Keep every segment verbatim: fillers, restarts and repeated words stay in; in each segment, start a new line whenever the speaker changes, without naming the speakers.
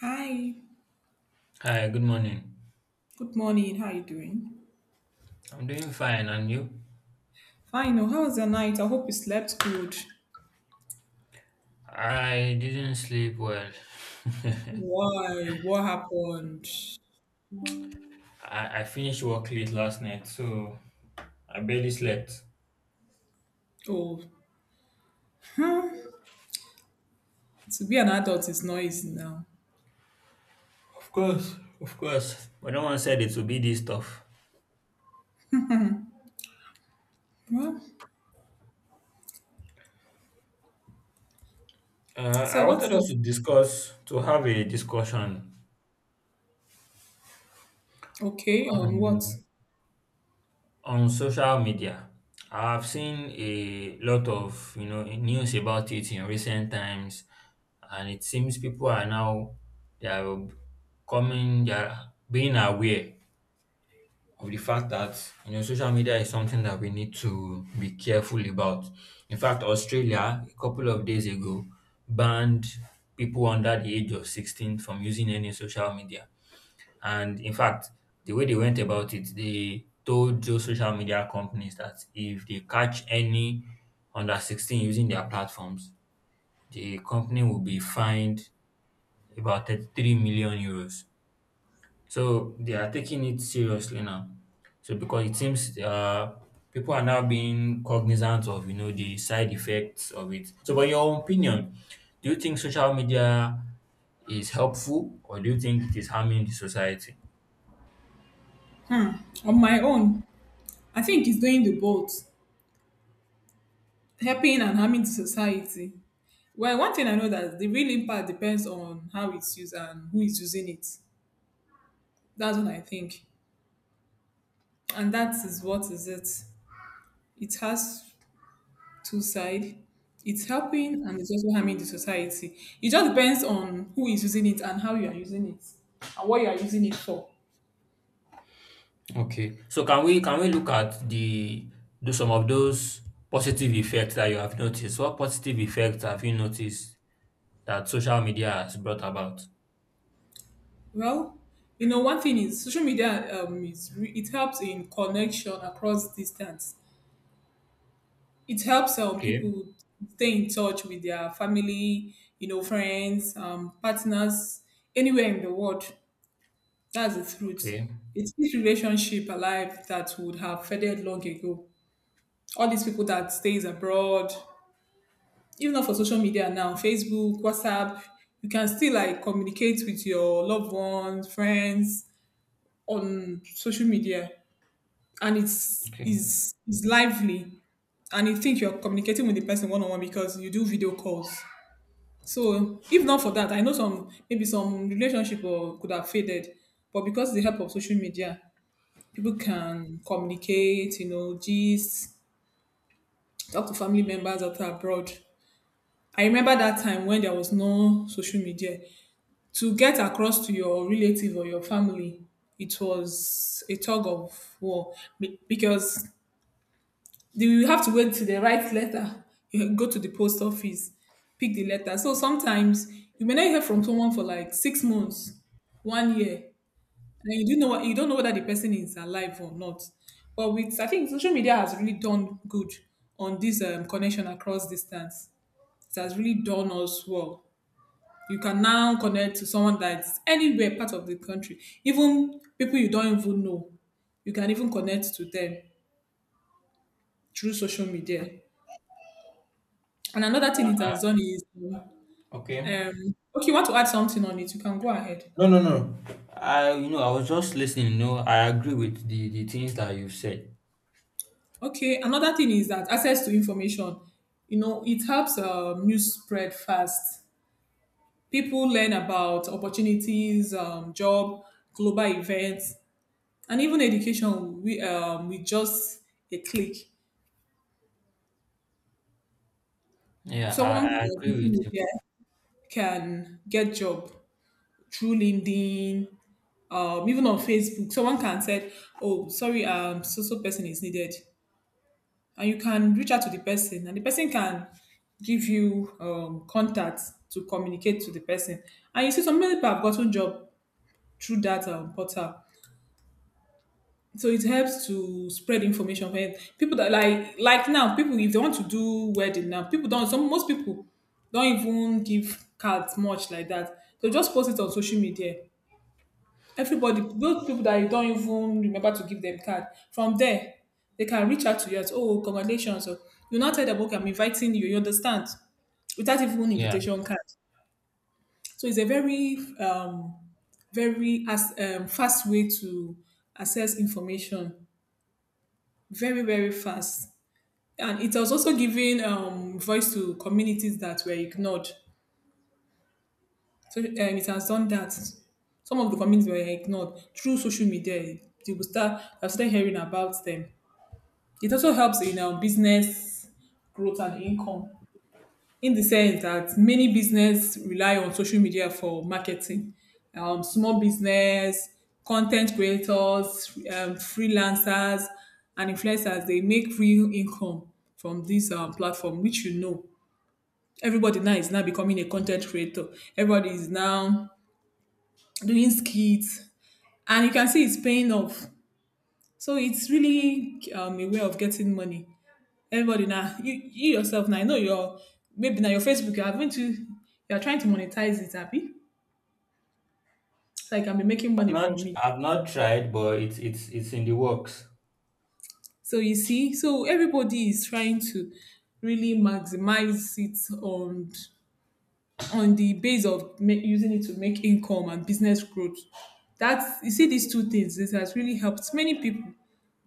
Hi,
Hi, good morning.
good morning. How are you doing?
I'm doing fine, and you?
Fine. oh, How was your night? I hope you slept good.
I didn't sleep well.
Why? What happened?
I, I finished work late last night, so I barely slept.
Oh, huh? To be an adult is not easy now.
Of course, of course. But no one said it would be this tough.
Well,
Uh,
so
I
what's
wanted us to discuss, to have a discussion
okay on what?
on On social media. I've seen a lot of you know news about it in recent times, and it seems people are now they are coming, they are being aware of the fact that you know social media is something that we need to be careful about. In fact, Australia a couple of days ago banned people under the age of sixteen from using any social media. And in fact, the way they went about it, they told those social media companies that if they catch any under sixteen using their platforms, the company will be fined about thirty-three million euros. So they are taking it seriously now. So because it seems uh, people are now being cognizant of you know the side effects of it. So, by your opinion, do you think social media is helpful, or do you think it is harming the society?
On my own, I think it's doing the both, helping and harming the society. Well, one thing I know that the real impact depends on how it's used and who is using it. That's what I think, and that is what is it. It has two side. It's helping and it's also harming the society. It just depends on who is using it and how you are using it and what you are using it for.
Okay. So can we can we look at the do some of those positive effects that you have noticed? What positive effects have you noticed that social media has brought about?
Well, you know, one thing is social media. Um, is re- it helps in connection across distance. It helps um,
Okay.
people stay in touch with their family, you know, friends, um, partners, anywhere in the world. That's the truth.
Okay.
It keeps relationship alive that would have faded long ago, all these people that stays abroad, even not for social media now. Facebook, WhatsApp, you can still like communicate with your loved ones, friends on social media, and it's
Okay.
is is lively, and you think you're communicating with the person one on one because you do video calls. So if not for that, I know some, maybe some relationship or could have faded, but because of the help of social media, people can communicate, you know, gist, talk to family members that are abroad. I remember that time when there was no social media. To get across to your relative or your family, it was a tug of war be- because they will have to wait till they write letter. You go to the post office, pick the letter. So sometimes you may not hear from someone for like six months, one year, and you do know you don't know whether the person is alive or not. But with, I think social media has really done good on this um, connection across distance. It has really done us well. You can now connect to someone that's anywhere part of the country, even people you don't even know. You can even connect to them through social media. And another thing it
Uh,
has done is, um,
okay.
okay, you want to add something on it, you can go ahead.
No, no, no. I you know I was just listening. You know I agree with the the things that you've said.
Okay, another thing is that access to information, you know, it helps um, news spread fast. People learn about opportunities, um, job, global events, and even education with, um, with just a click.
Yeah,
Someone on
I, I
social
agree with you.
media can get job through LinkedIn, um, even on Facebook. Someone can say, "Oh, sorry, um, so so person is needed," and you can reach out to the person, and the person can give you um, contacts to communicate to the person. And you see, some people have gotten job through that um, portal. So it helps to spread information for people that, like like now people, if they want to do wedding now, people don't, some, most people don't even give cards much like that. They just post it on social media. Everybody, those people that you don't even remember to give them card, from there they can reach out to you as, oh, congratulations, or you now tell them, okay, I'm inviting you, you understand, without even
Yeah.
invitation card. So it's a very um very, as um, fast way to access information, very very fast. And it has also given um voice to communities that were ignored. So um, it has done that. Some of the communities were ignored through social media. They will start, I've started hearing about them. It also helps in um, business growth and income, in the sense that many business rely on social media for marketing. Um, small business, content creators, um, freelancers, and influencers, they make real income from this um, platform, which you know. Everybody now is now becoming a content creator. Everybody is now doing skits, and you can see it's paying off. So it's really um, a way of getting money. Everybody now, you, you yourself now, I know your, maybe now your Facebook, you are going to you are trying to monetize it, Abby. So I can be making
I've
money
not
from me.
I've not tried, but it's it's it's in the works.
So you see, so everybody is trying to really maximize it on on the base of ma- using it to make income and business growth. That's, you see, these two things. This has really helped many people,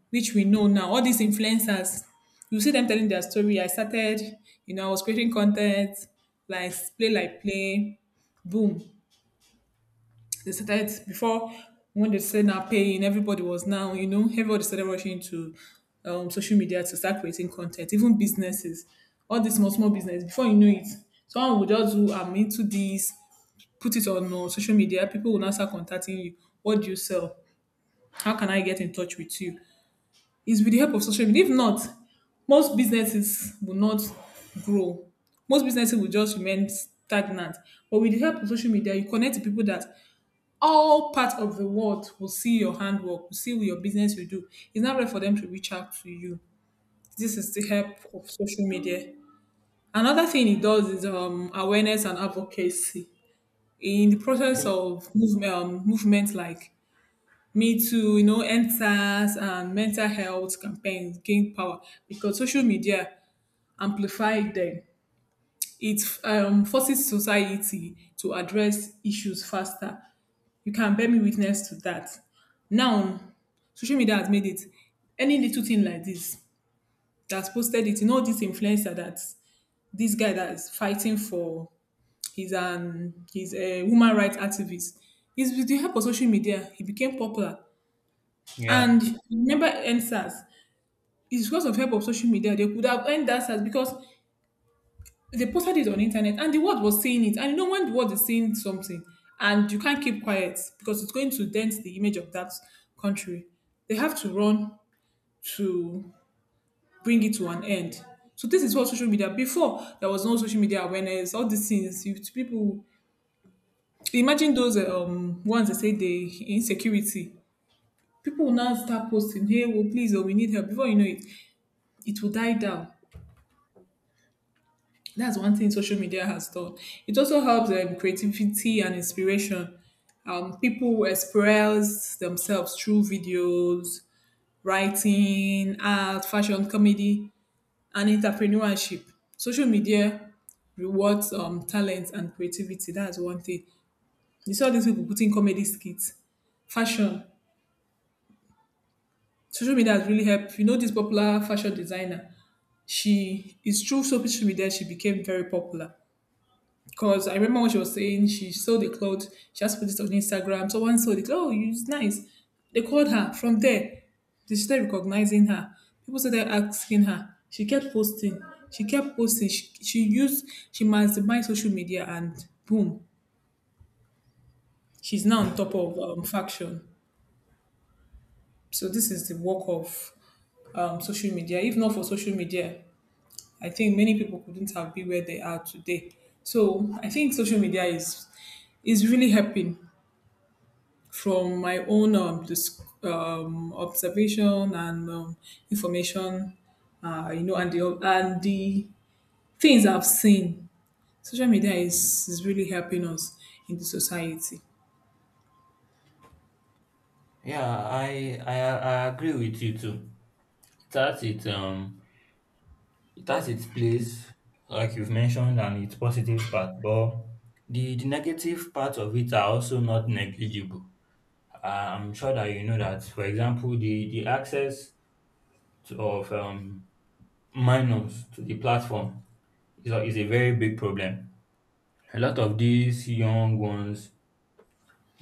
which we know now. All these influencers, you see them telling their story. I started, you know, I was creating content, like play like play, boom. They started before, when they said now paying, everybody was now, you know, everybody started rushing to um, social media to start creating content, even businesses, all these small, small business. Before you know it, someone will just do, I'm into this, put it on uh, social media, people will now start contacting you. What do you sell? How can I get in touch with you? It's with the help of social media. If not, most businesses will not grow. Most businesses will just remain stagnant. But with the help of social media, you connect to people that all part of the world will see your handwork, will see your business you do. It's not right for them to reach out to you. This is the help of social media. Another thing it does is um, awareness and advocacy. In the process
Okay.
of move, um, movements like Me Too, you know, enters and mental health campaigns gain power because social media amplified them. It um, forces society to address issues faster. You can bear me witness to that. Now, social media has made it, any little thing like this that's posted it. You know this influencer that, this guy that is fighting for, he's an he's a woman rights activist. It's with the help of social media he became popular.
Yeah.
And remember N S A S, it's because of help of social media they could have earned that SARS because they posted it on internet and the world was seeing it. And you know, when the world is seeing something and you can't keep quiet because it's going to dent the image of that country, they have to run to bring it to an end. So this is what social media, before there was no social media awareness, all these things. If people, imagine those um ones that say they insecurity, people will now start posting, hey, well, please, oh, we need help. Before you know it, it will die down. That's one thing social media has done. It also helps um, creativity and inspiration. Um, people express themselves through videos, writing, art, fashion, comedy, and entrepreneurship. Social media rewards um, talent and creativity. That's one thing. You saw these people putting comedy skits, fashion. Social media has really helped. You know, this popular fashion designer, she is through social media, she became very popular. Because I remember when she was saying she saw the clothes, she just put it on Instagram. Someone saw it. Oh, it's nice. They called her from there. They started recognizing her. People started asking her. She kept posting. She kept posting. She, she used, she maximized social media and boom, she's now on top of um, faction. So this is the work of um, social media. If not for social media, I think many people couldn't have been where they are today. So I think social media is is really helping from my own um, dis- um, observation and um, information, uh, you know, and the, and the things I've seen. Social media is is really helping us in the society.
Yeah. I I I agree with you too. That's it. Um. It has its place, like you've mentioned, and its positive part, but the, the negative parts of it are also not negligible. I'm sure that you know that, for example, the, the access to, of um, minors to the platform is a, is a very big problem. A lot of these young ones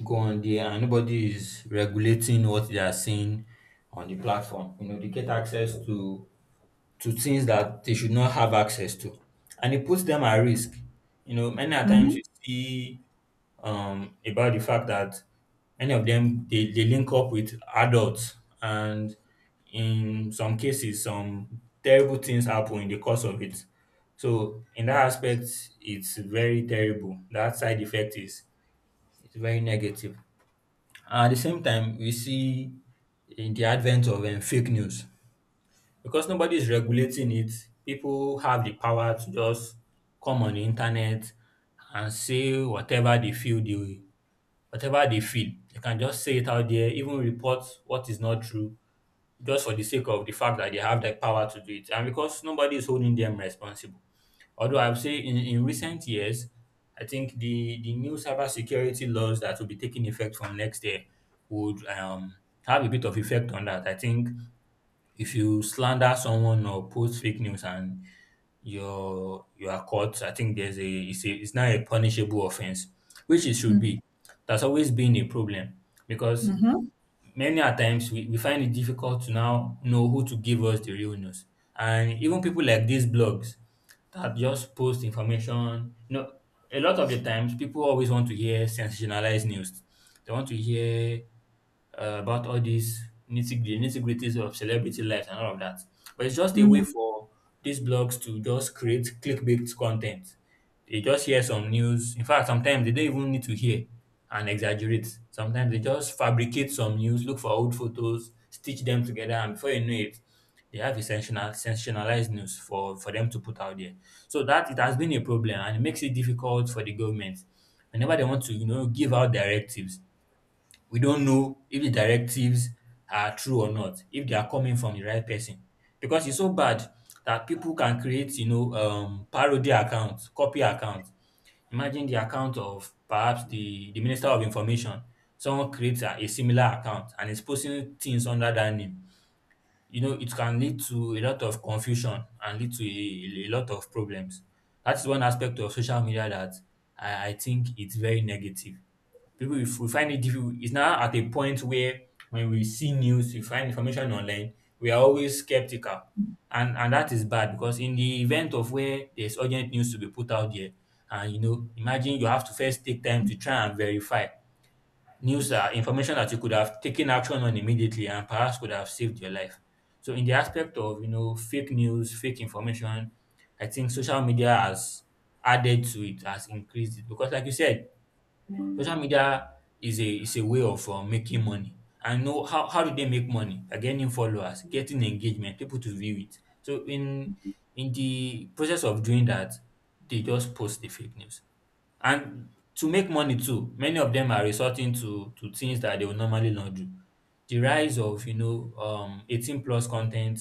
go on there, and nobody is regulating what they are seeing on the platform. You know, they get access to to things that they should not have access to, and it puts them at risk. You know, many a times you see um, about the fact that many of them they, they link up with adults, and in some cases, some terrible things happen in the course of it. So, in that aspect, it's very terrible. That side effect is it's very negative. At the same time, we see in the advent of um, fake news, because nobody is regulating it, people have the power to just come on the internet and say whatever they feel they whatever they feel. They can just say it out there, even report what is not true, just for the sake of the fact that they have the power to do it. And because nobody is holding them responsible. Although I would say in, in recent years, I think the, the new cybersecurity laws that will be taking effect from next year would um, have a bit of effect on that. I think if you slander someone or post fake news and you're you are caught, I think there's a it's a it's now a punishable offense, which it should be. That's always been a problem, because many a times we, we find it difficult to now know who to give us the real news. And even people like these blogs that just post information, you know, a lot of the times people always want to hear sensationalized news. They want to hear uh, about all these nitty the nitty gritties of celebrity life and all of that. But it's just a way for these blogs to just create clickbait content. They just hear some news. In fact, sometimes they don't even need to hear and exaggerate. Sometimes they just fabricate some news, look for old photos, stitch them together, and before you know it, they have a sensational, sensationalized news for, for them to put out there. So that it has been a problem, and it makes it difficult for the government. Whenever they want to, you know, give out directives, we don't know if the directives are true or not, if they are coming from the right person. Because it's so bad that people can create, you know, um, parody accounts, copy accounts. Imagine the account of perhaps the, the Minister of Information. Someone creates a, a similar account and is posting things under that name. You know, it can lead to a lot of confusion and lead to a, a lot of problems. That's one aspect of social media that I, I think it's very negative. People will, will find it difficult. It's now at a point where when we see news, we find information online, we are always skeptical. And and that is bad, because in the event of where there's urgent news to be put out there, and you know, imagine you have to first take time to try and verify news are information that you could have taken action on immediately and perhaps could have saved your life. So in the aspect of you know fake news, fake information, I think social media has added to it, has increased it. Because like you said, social media is a is a way of um, making money. I know how how do they make money? By getting followers, getting engagement, people to view it. So in in the process of doing that, they just post the fake news. And to make money too, many of them are resorting to to things that they would normally not do. The rise of you know um eighteen plus content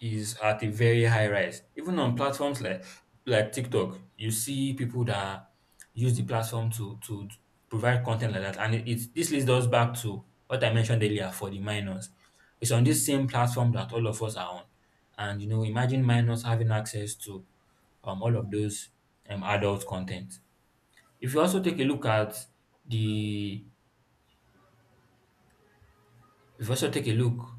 is at a very high rise. Even on platforms like like TikTok, you see people that use the platform to to provide content like that. And it, it this leads us back to what I mentioned earlier for the minors. It's on this same platform that all of us are on. And you know, imagine minors having access to um, all of those um, adult content. If you also take a look at the If you also take a look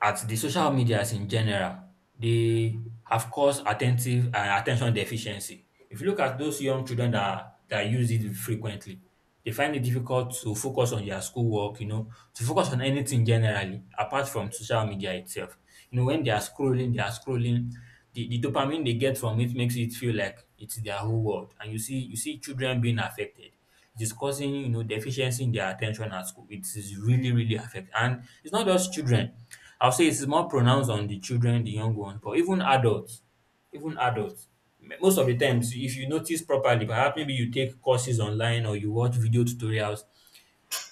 at the social medias in general, they have caused attentive uh, attention deficiency. If you look at those young children that that use it frequently, they find it difficult to focus on their schoolwork, you know, to focus on anything generally, apart from social media itself. You know, when they are scrolling, they are scrolling. The, the dopamine they get from it makes it feel like it's their whole world. And you see, you see children being affected. It is causing, you know, deficiency in their attention at school. It is really, really affecting. And it's not just children, I'll say it's more pronounced on the children, the young ones, but even adults, even adults, m- most of the times, if you notice properly, perhaps maybe you take courses online or you watch video tutorials,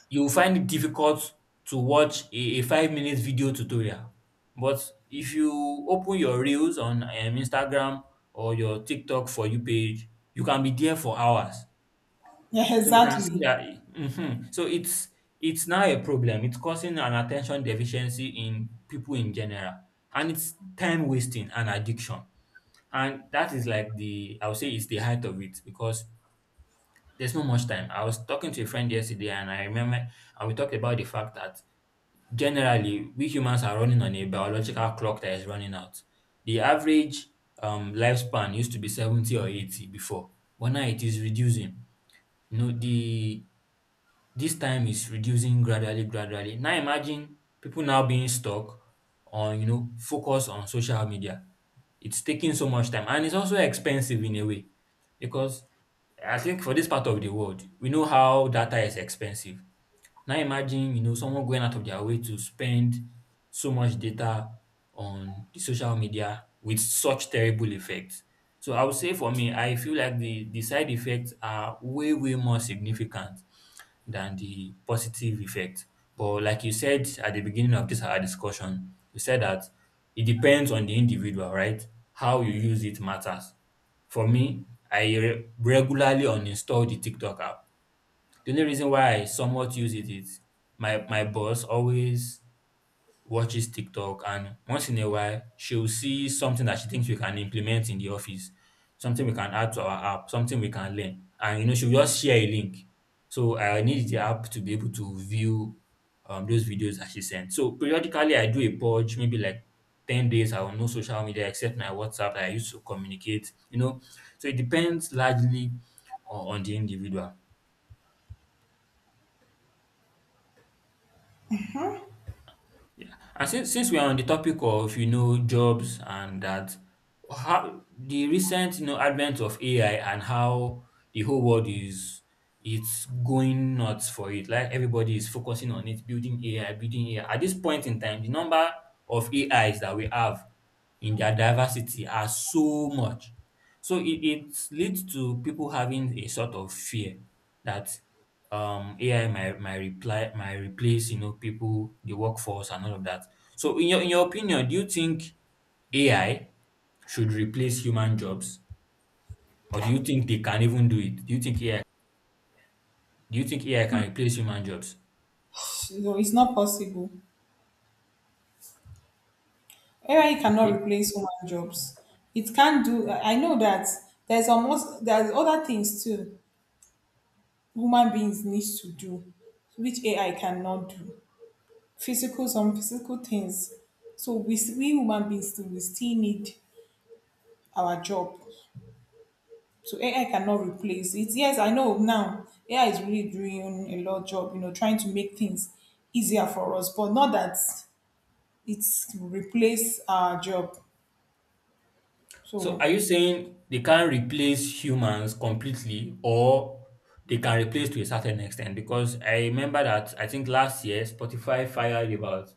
you will find it difficult to watch a, a five minute video tutorial. But if you open your reels on um, Instagram or your TikTok for you page, you can be there for hours.
Yeah,
So you can see
exactly.
that mhm. So it's it's now a problem. It's causing an attention deficiency in people in general. And it's time wasting and addiction. And that is like the I would say it's the height of it, because there's not much time. I was talking to a friend yesterday, and I remember and we talked about the fact that generally we humans are running on a biological clock that is running out. The average um, lifespan used to be seventy or eighty before, but now it is reducing. You know, the this time is reducing gradually, gradually. Now imagine people now being stuck on, you know, focus on social media. It's taking so much time, and it's also expensive in a way, because I think for this part of the world, we know how data is expensive. Now imagine, you know, someone going out of their way to spend so much data on the social media with such terrible effects. So I would say for me, I feel like the, the side effects are way, way more significant than the positive effect. But like you said at the beginning of this our discussion, you said that it depends on the individual, right? How you use it matters. For me, I re- regularly uninstall the TikTok app. The only reason why I somewhat use it is my my boss always watches TikTok, and once in a while, she'll see something that she thinks we can implement in the office, something we can add to our app, something we can learn. And, you know, she'll just share a link. So I need the app to be able to view um, those videos that she sent. So periodically, I do a purge, maybe like ten days, I will no social media except my WhatsApp that I used to communicate, you know. So it depends largely on, on the individual. Yeah. And since since we are on the topic of you know jobs and that, how the recent you know advent of A I and how the whole world is it's going nuts for it. Like everybody is focusing on it, building A I, building A I. At this point in time, the number of A Is that we have in their diversity are so much. So it, it leads to people having a sort of fear that um, A I might, might reply might replace you know people, the workforce, and all of that. So in your in your opinion, do you think A I should replace human jobs, or do you think they can even do it? Do you think A I do you think A I can replace human jobs?
So it's not possible. A I cannot
Okay.
replace human jobs. It can do. I I know that there's almost, there's other things too human beings needs to do, which A I cannot do. Physical, some physical things. So we s- we human beings still we still need our job. So A I cannot replace it. Yes, I know now A I is really doing a lot job, you know, trying to make things easier for us, but not that it's replace our job.
So are
So
you saying they can't replace humans completely or they can replace to a certain extent? Because I remember that I think last year Spotify fired about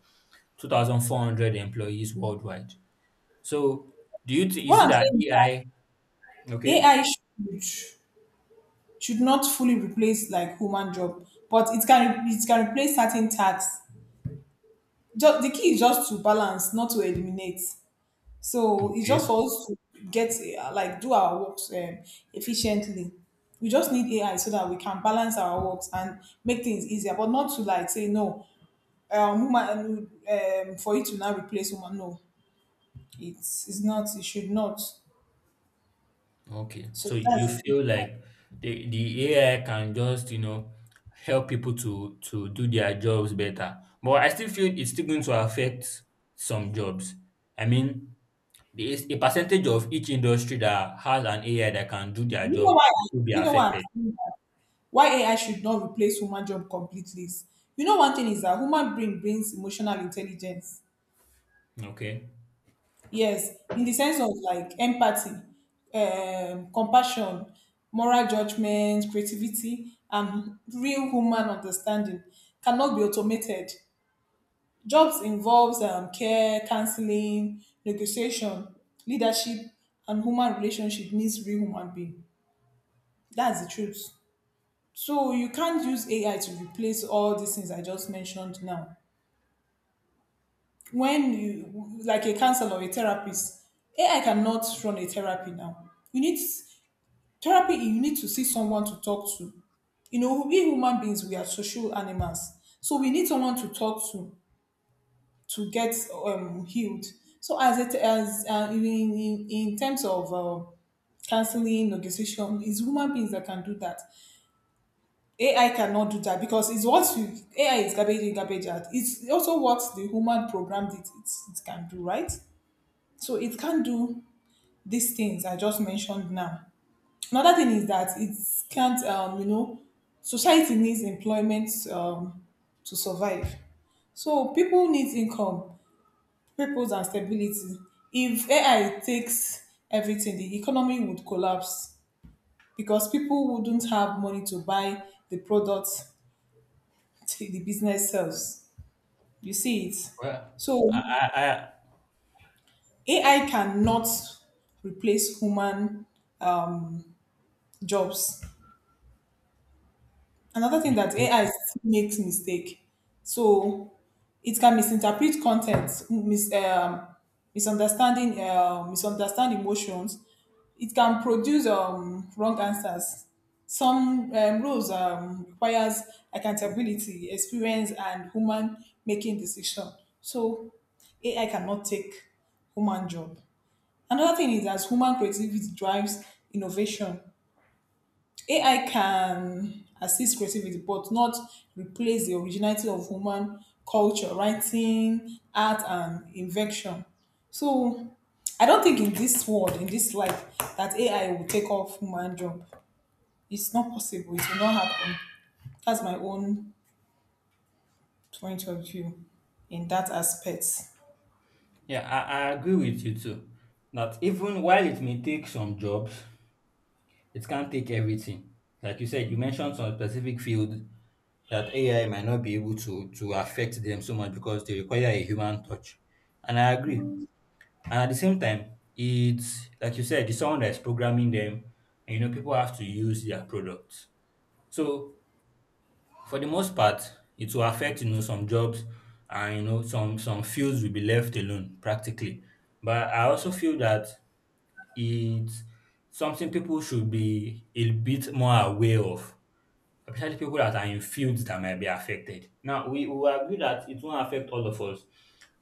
two thousand four hundred employees worldwide. So do you th-
what
is it
I'm
that
saying is,
A I? Okay.
A I should should not fully replace like human job, but it can, it can replace certain tasks. Just, the key is just to balance, not to eliminate. So it's just
Okay.
for us to get uh, like do our works um, efficiently. We just need A I so that we can balance our works and make things easier, but not to like say no, um, woman, um, um, for you to now replace woman. No, it's it's not. It should not.
Okay.
So
So you
that's it.
feel like the the A I can just, you know, help people to to do their jobs better. But I still feel it's still going to affect some jobs. I mean, the is a percentage of each industry that has an A I that can do their
You know
job
why?
will be
You know why? I'm
affected.
saying that? Why A I should not replace human job completely? Is, you know, one thing is that human brain brings emotional intelligence.
Okay.
Yes, in the sense of like empathy, um, compassion, moral judgment, creativity, and real human understanding cannot be automated. Jobs involves um, care, counseling, negotiation, leadership, and human relationship needs real human being. That's the truth. So you can't use A I to replace all these things I just mentioned now. When you like a counselor or a therapist, A I cannot run a therapy now. You need therapy, you need to see someone to talk to. You know, we human beings, we are social animals. So we need someone to talk to to get um, healed. So as it as uh, in, in, in terms of uh, counseling, negotiation, it's human beings that can do that. A I cannot do that because it's what you A I is garbage in, garbage out. It's also what the human programmed it, it, it can do, right? So it can do these things I just mentioned now. Another thing is that it can't, um, you know, society needs employment um, to survive. So people need income, purpose, and stability. If A I takes everything, the economy would collapse because people wouldn't have money to buy the products the business sells. You see it?
Well,
So
I, I, I
A I cannot replace human jobs. Another thing that
okay.
A I still makes mistake. So it can misinterpret content mis- um, misunderstanding uh, misunderstand emotions. It can produce um, wrong answers. Some um, rules um, requires accountability, experience, and human making decision. So AI cannot take human job. Another thing is as human creativity drives innovation. A I can assist creativity, but not replace the originality of human culture, writing, art, and invention. So I don't think in this world, in this life, that A I will take off human job. It's not possible. It will not happen. That's my own point of view in that aspect.
Yeah, I, I agree with you too. That even while it may take some jobs, it can't take everything. Like you said, you mentioned some specific field that A I might not be able to to affect them so much because they require a human touch. And I agree. And at the same time, it's like you said, it's someone that's programming them, and you know people have to use their product. So for the most part, it will affect you know some jobs and you know some some fields will be left alone practically. But I also feel that it's something people should be a bit more aware of, especially people that are in fields that might be affected. Now we we will agree that it won't affect all of us,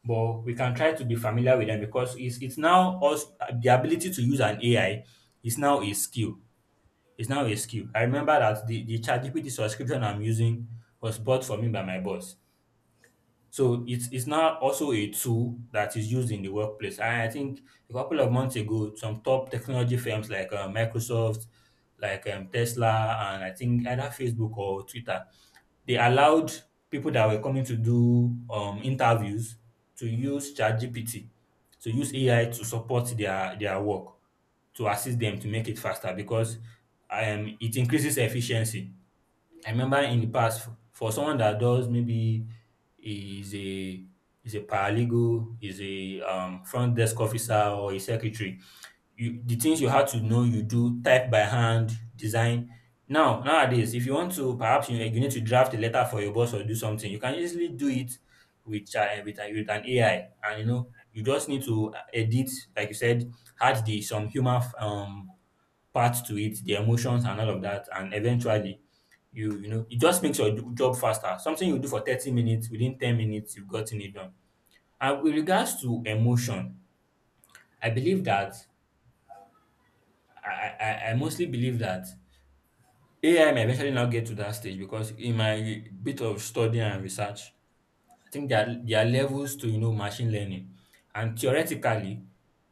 but we can try to be familiar with them because it's it's now us the ability to use an A I is now a skill, it's now a skill. I remember that the, the ChatGPT subscription I'm using was bought for me by my boss. So it's it's now also a tool that is used in the workplace. And I think a couple of months ago, some top technology firms like uh, Microsoft, like um, Tesla, and I think either Facebook or Twitter, they allowed people that were coming to do um, interviews to use ChatGPT, to use A I to support their their work, to assist them to make it faster because um, it increases efficiency. I remember in the past, for for someone that does maybe is a is a paralegal, is a um, front desk officer or a secretary, you, the things you had to know, you do type by hand, design. Now nowadays, if you want to, perhaps you, you need to draft a letter for your boss or do something, you can easily do it with uh, with, a- with an A I, and you know you just need to edit, like you said, add the some human f- um part to it, the emotions and all of that, and eventually you you know it just makes your do- job faster. Something you do for thirty minutes, within ten minutes, you've gotten it done. And with regards to emotion, I believe that I, I, I mostly believe that A I may eventually now get to that stage because in my bit of study and research, I think there are there are levels to you know machine learning, and theoretically,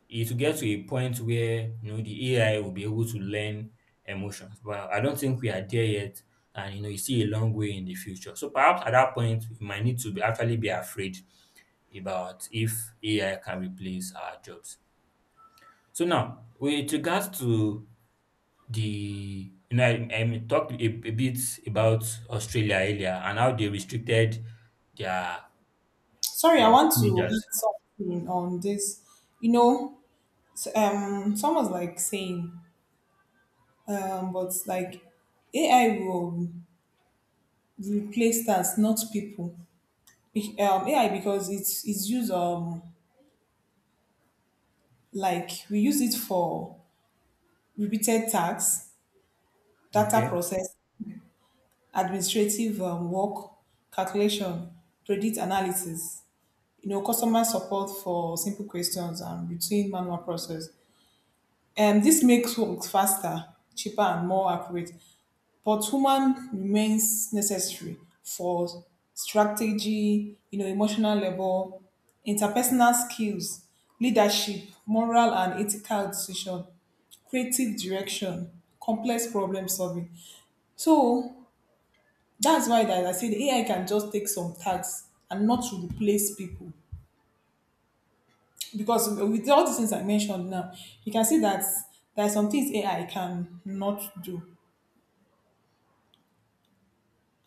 it will get to a point where you know the A I will be able to learn emotions. But I don't think we are there yet, and you know you see a long way in the future. So perhaps at that point, we might need to be, actually be afraid about if A I can replace our jobs. So now, with regards to the, you know, I, I talked a, a bit about Australia earlier and how they restricted their
Sorry, I
um,
want to
teenagers.
add something on this. You know, s- um, someone's like saying, um, but like A I will replace tasks, not people. Bec- um, ai because it's it's used um like we use it for repeated tasks, data
Okay.
process, administrative um, work, calculation, predict analysis, you know, customer support for simple questions and routine manual process, and this makes work faster, cheaper, and more accurate. But human remains necessary for strategy, you know, emotional level, interpersonal skills, leadership, moral and ethical decision, creative direction, complex problem solving. So that's why that I say the A I can just take some tasks and not to replace people. Because with all the things I mentioned now, you can see that there are some things A I can not do.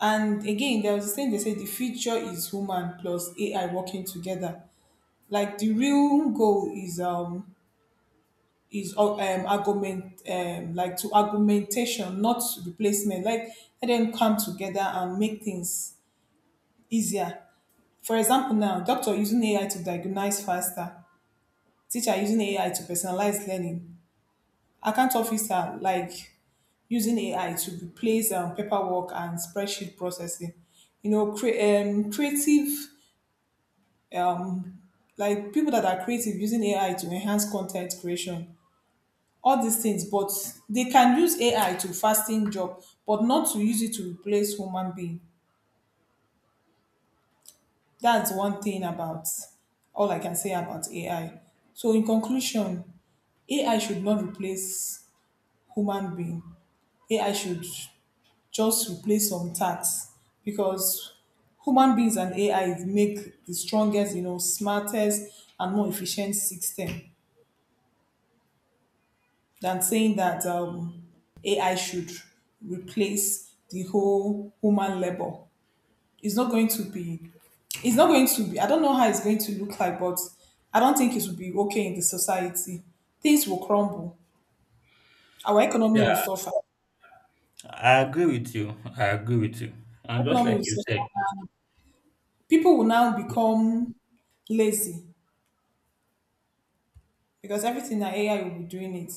And again, there was a saying they say the future is human plus A I working together. Like the real goal is um is uh, um argument um like to argumentation, not replacement. Like let them come together and make things easier. For example, now doctor using A I to diagnose faster, teacher using A I to personalize learning, account officer like using A I to replace um, paperwork and spreadsheet processing, you know, cre- um, creative, like people that are creative using A I to enhance content creation, all these things, but they can use A I to fasten job, but not to use it to replace human being. That's one thing about all I can say about A I. So in conclusion, A I should not replace human being. A I should just replace some tasks because human beings and A I make the strongest, you know, smartest and more efficient system, than saying that um, A I should replace the whole human labor. It's not going to be, it's not going to be, I don't know how it's going to look like, but I don't think it will be okay in the society. Things will crumble. Our economy will
Yeah,
suffer.
I agree with you. I agree with you. And just
Economy
like
will
you
suffer.
said,
People will now become lazy because everything that A I will be doing it.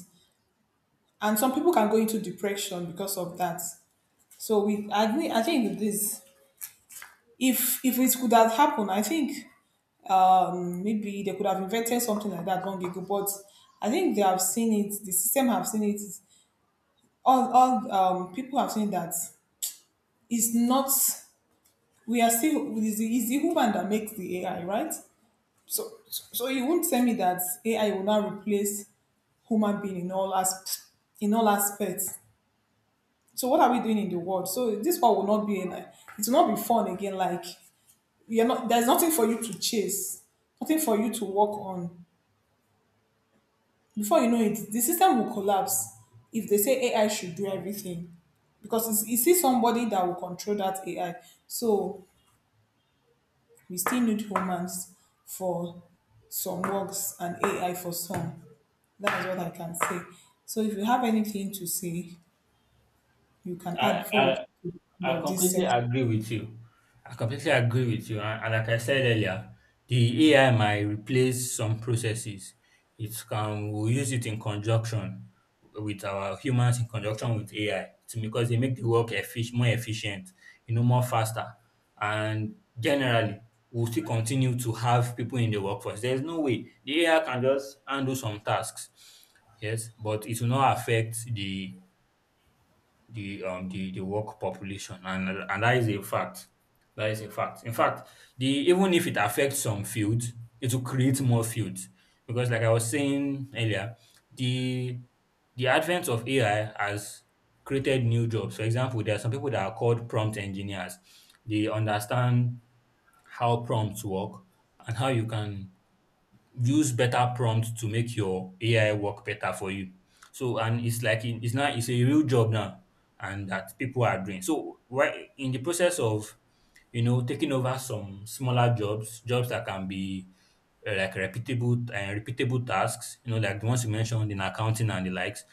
And some people can go into depression because of that. So we, I, think- I think this, if if it could have happened, I think um maybe they could have invented something like that long ago, but I think they have seen it, the system have seen it, all all um people have seen that it's not, we are still, it's the, it's the human that makes the A I, right? So so so you won't tell me that A I will now replace human being in all as in all aspects. So what are we doing in the world? So this one will not be in it, will not be fun again. Like you're not, there's nothing for you to chase, nothing for you to work on. Before you know it, the system will collapse if they say A I should do everything. Because it's, it's still somebody that will control that A I. So we still need humans for some works and A I for some. That is what I can say. So if you have anything to say, you can add
I,
before we come
I
to the
I
end of this
completely
section.
agree with you. I completely agree with you. And, and like I said earlier, the A I might replace some processes. It can we use it in conjunction with our humans in conjunction with A I. It's because they make the work effic- more efficient, you know, more faster. And generally, we'll still continue to have people in the workforce. There's no way the A I can just handle some tasks. Yes, but it will not affect the the um the the work population, and and that is a fact, that is a fact. In fact, the even if it affects some fields, it will create more fields because like I was saying earlier, the the advent of AI has created new jobs. For example, there are some people that are called prompt engineers. They understand how prompts work and how you can use better prompts to make your A I work better for you. So and it's like in- it's now it's a real job now, and that people are doing. So right in the process of you know taking over some smaller jobs, jobs that can be uh, like repeatable and repeatable tasks, you know, like the ones you mentioned in accounting and the likes,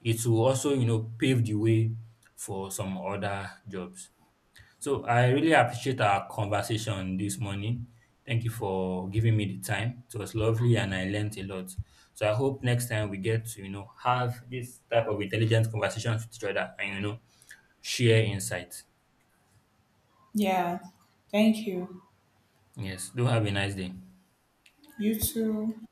it will also you know pave the way for some other jobs. So I really appreciate our conversation this morning. Thank you for giving me the time. It was lovely and I learned a lot. So I hope next time we get to, you know, have this type of intelligent conversations with each other and, you know, share insights.
Yeah. Thank you.
Yes. Do have a nice day.
You too.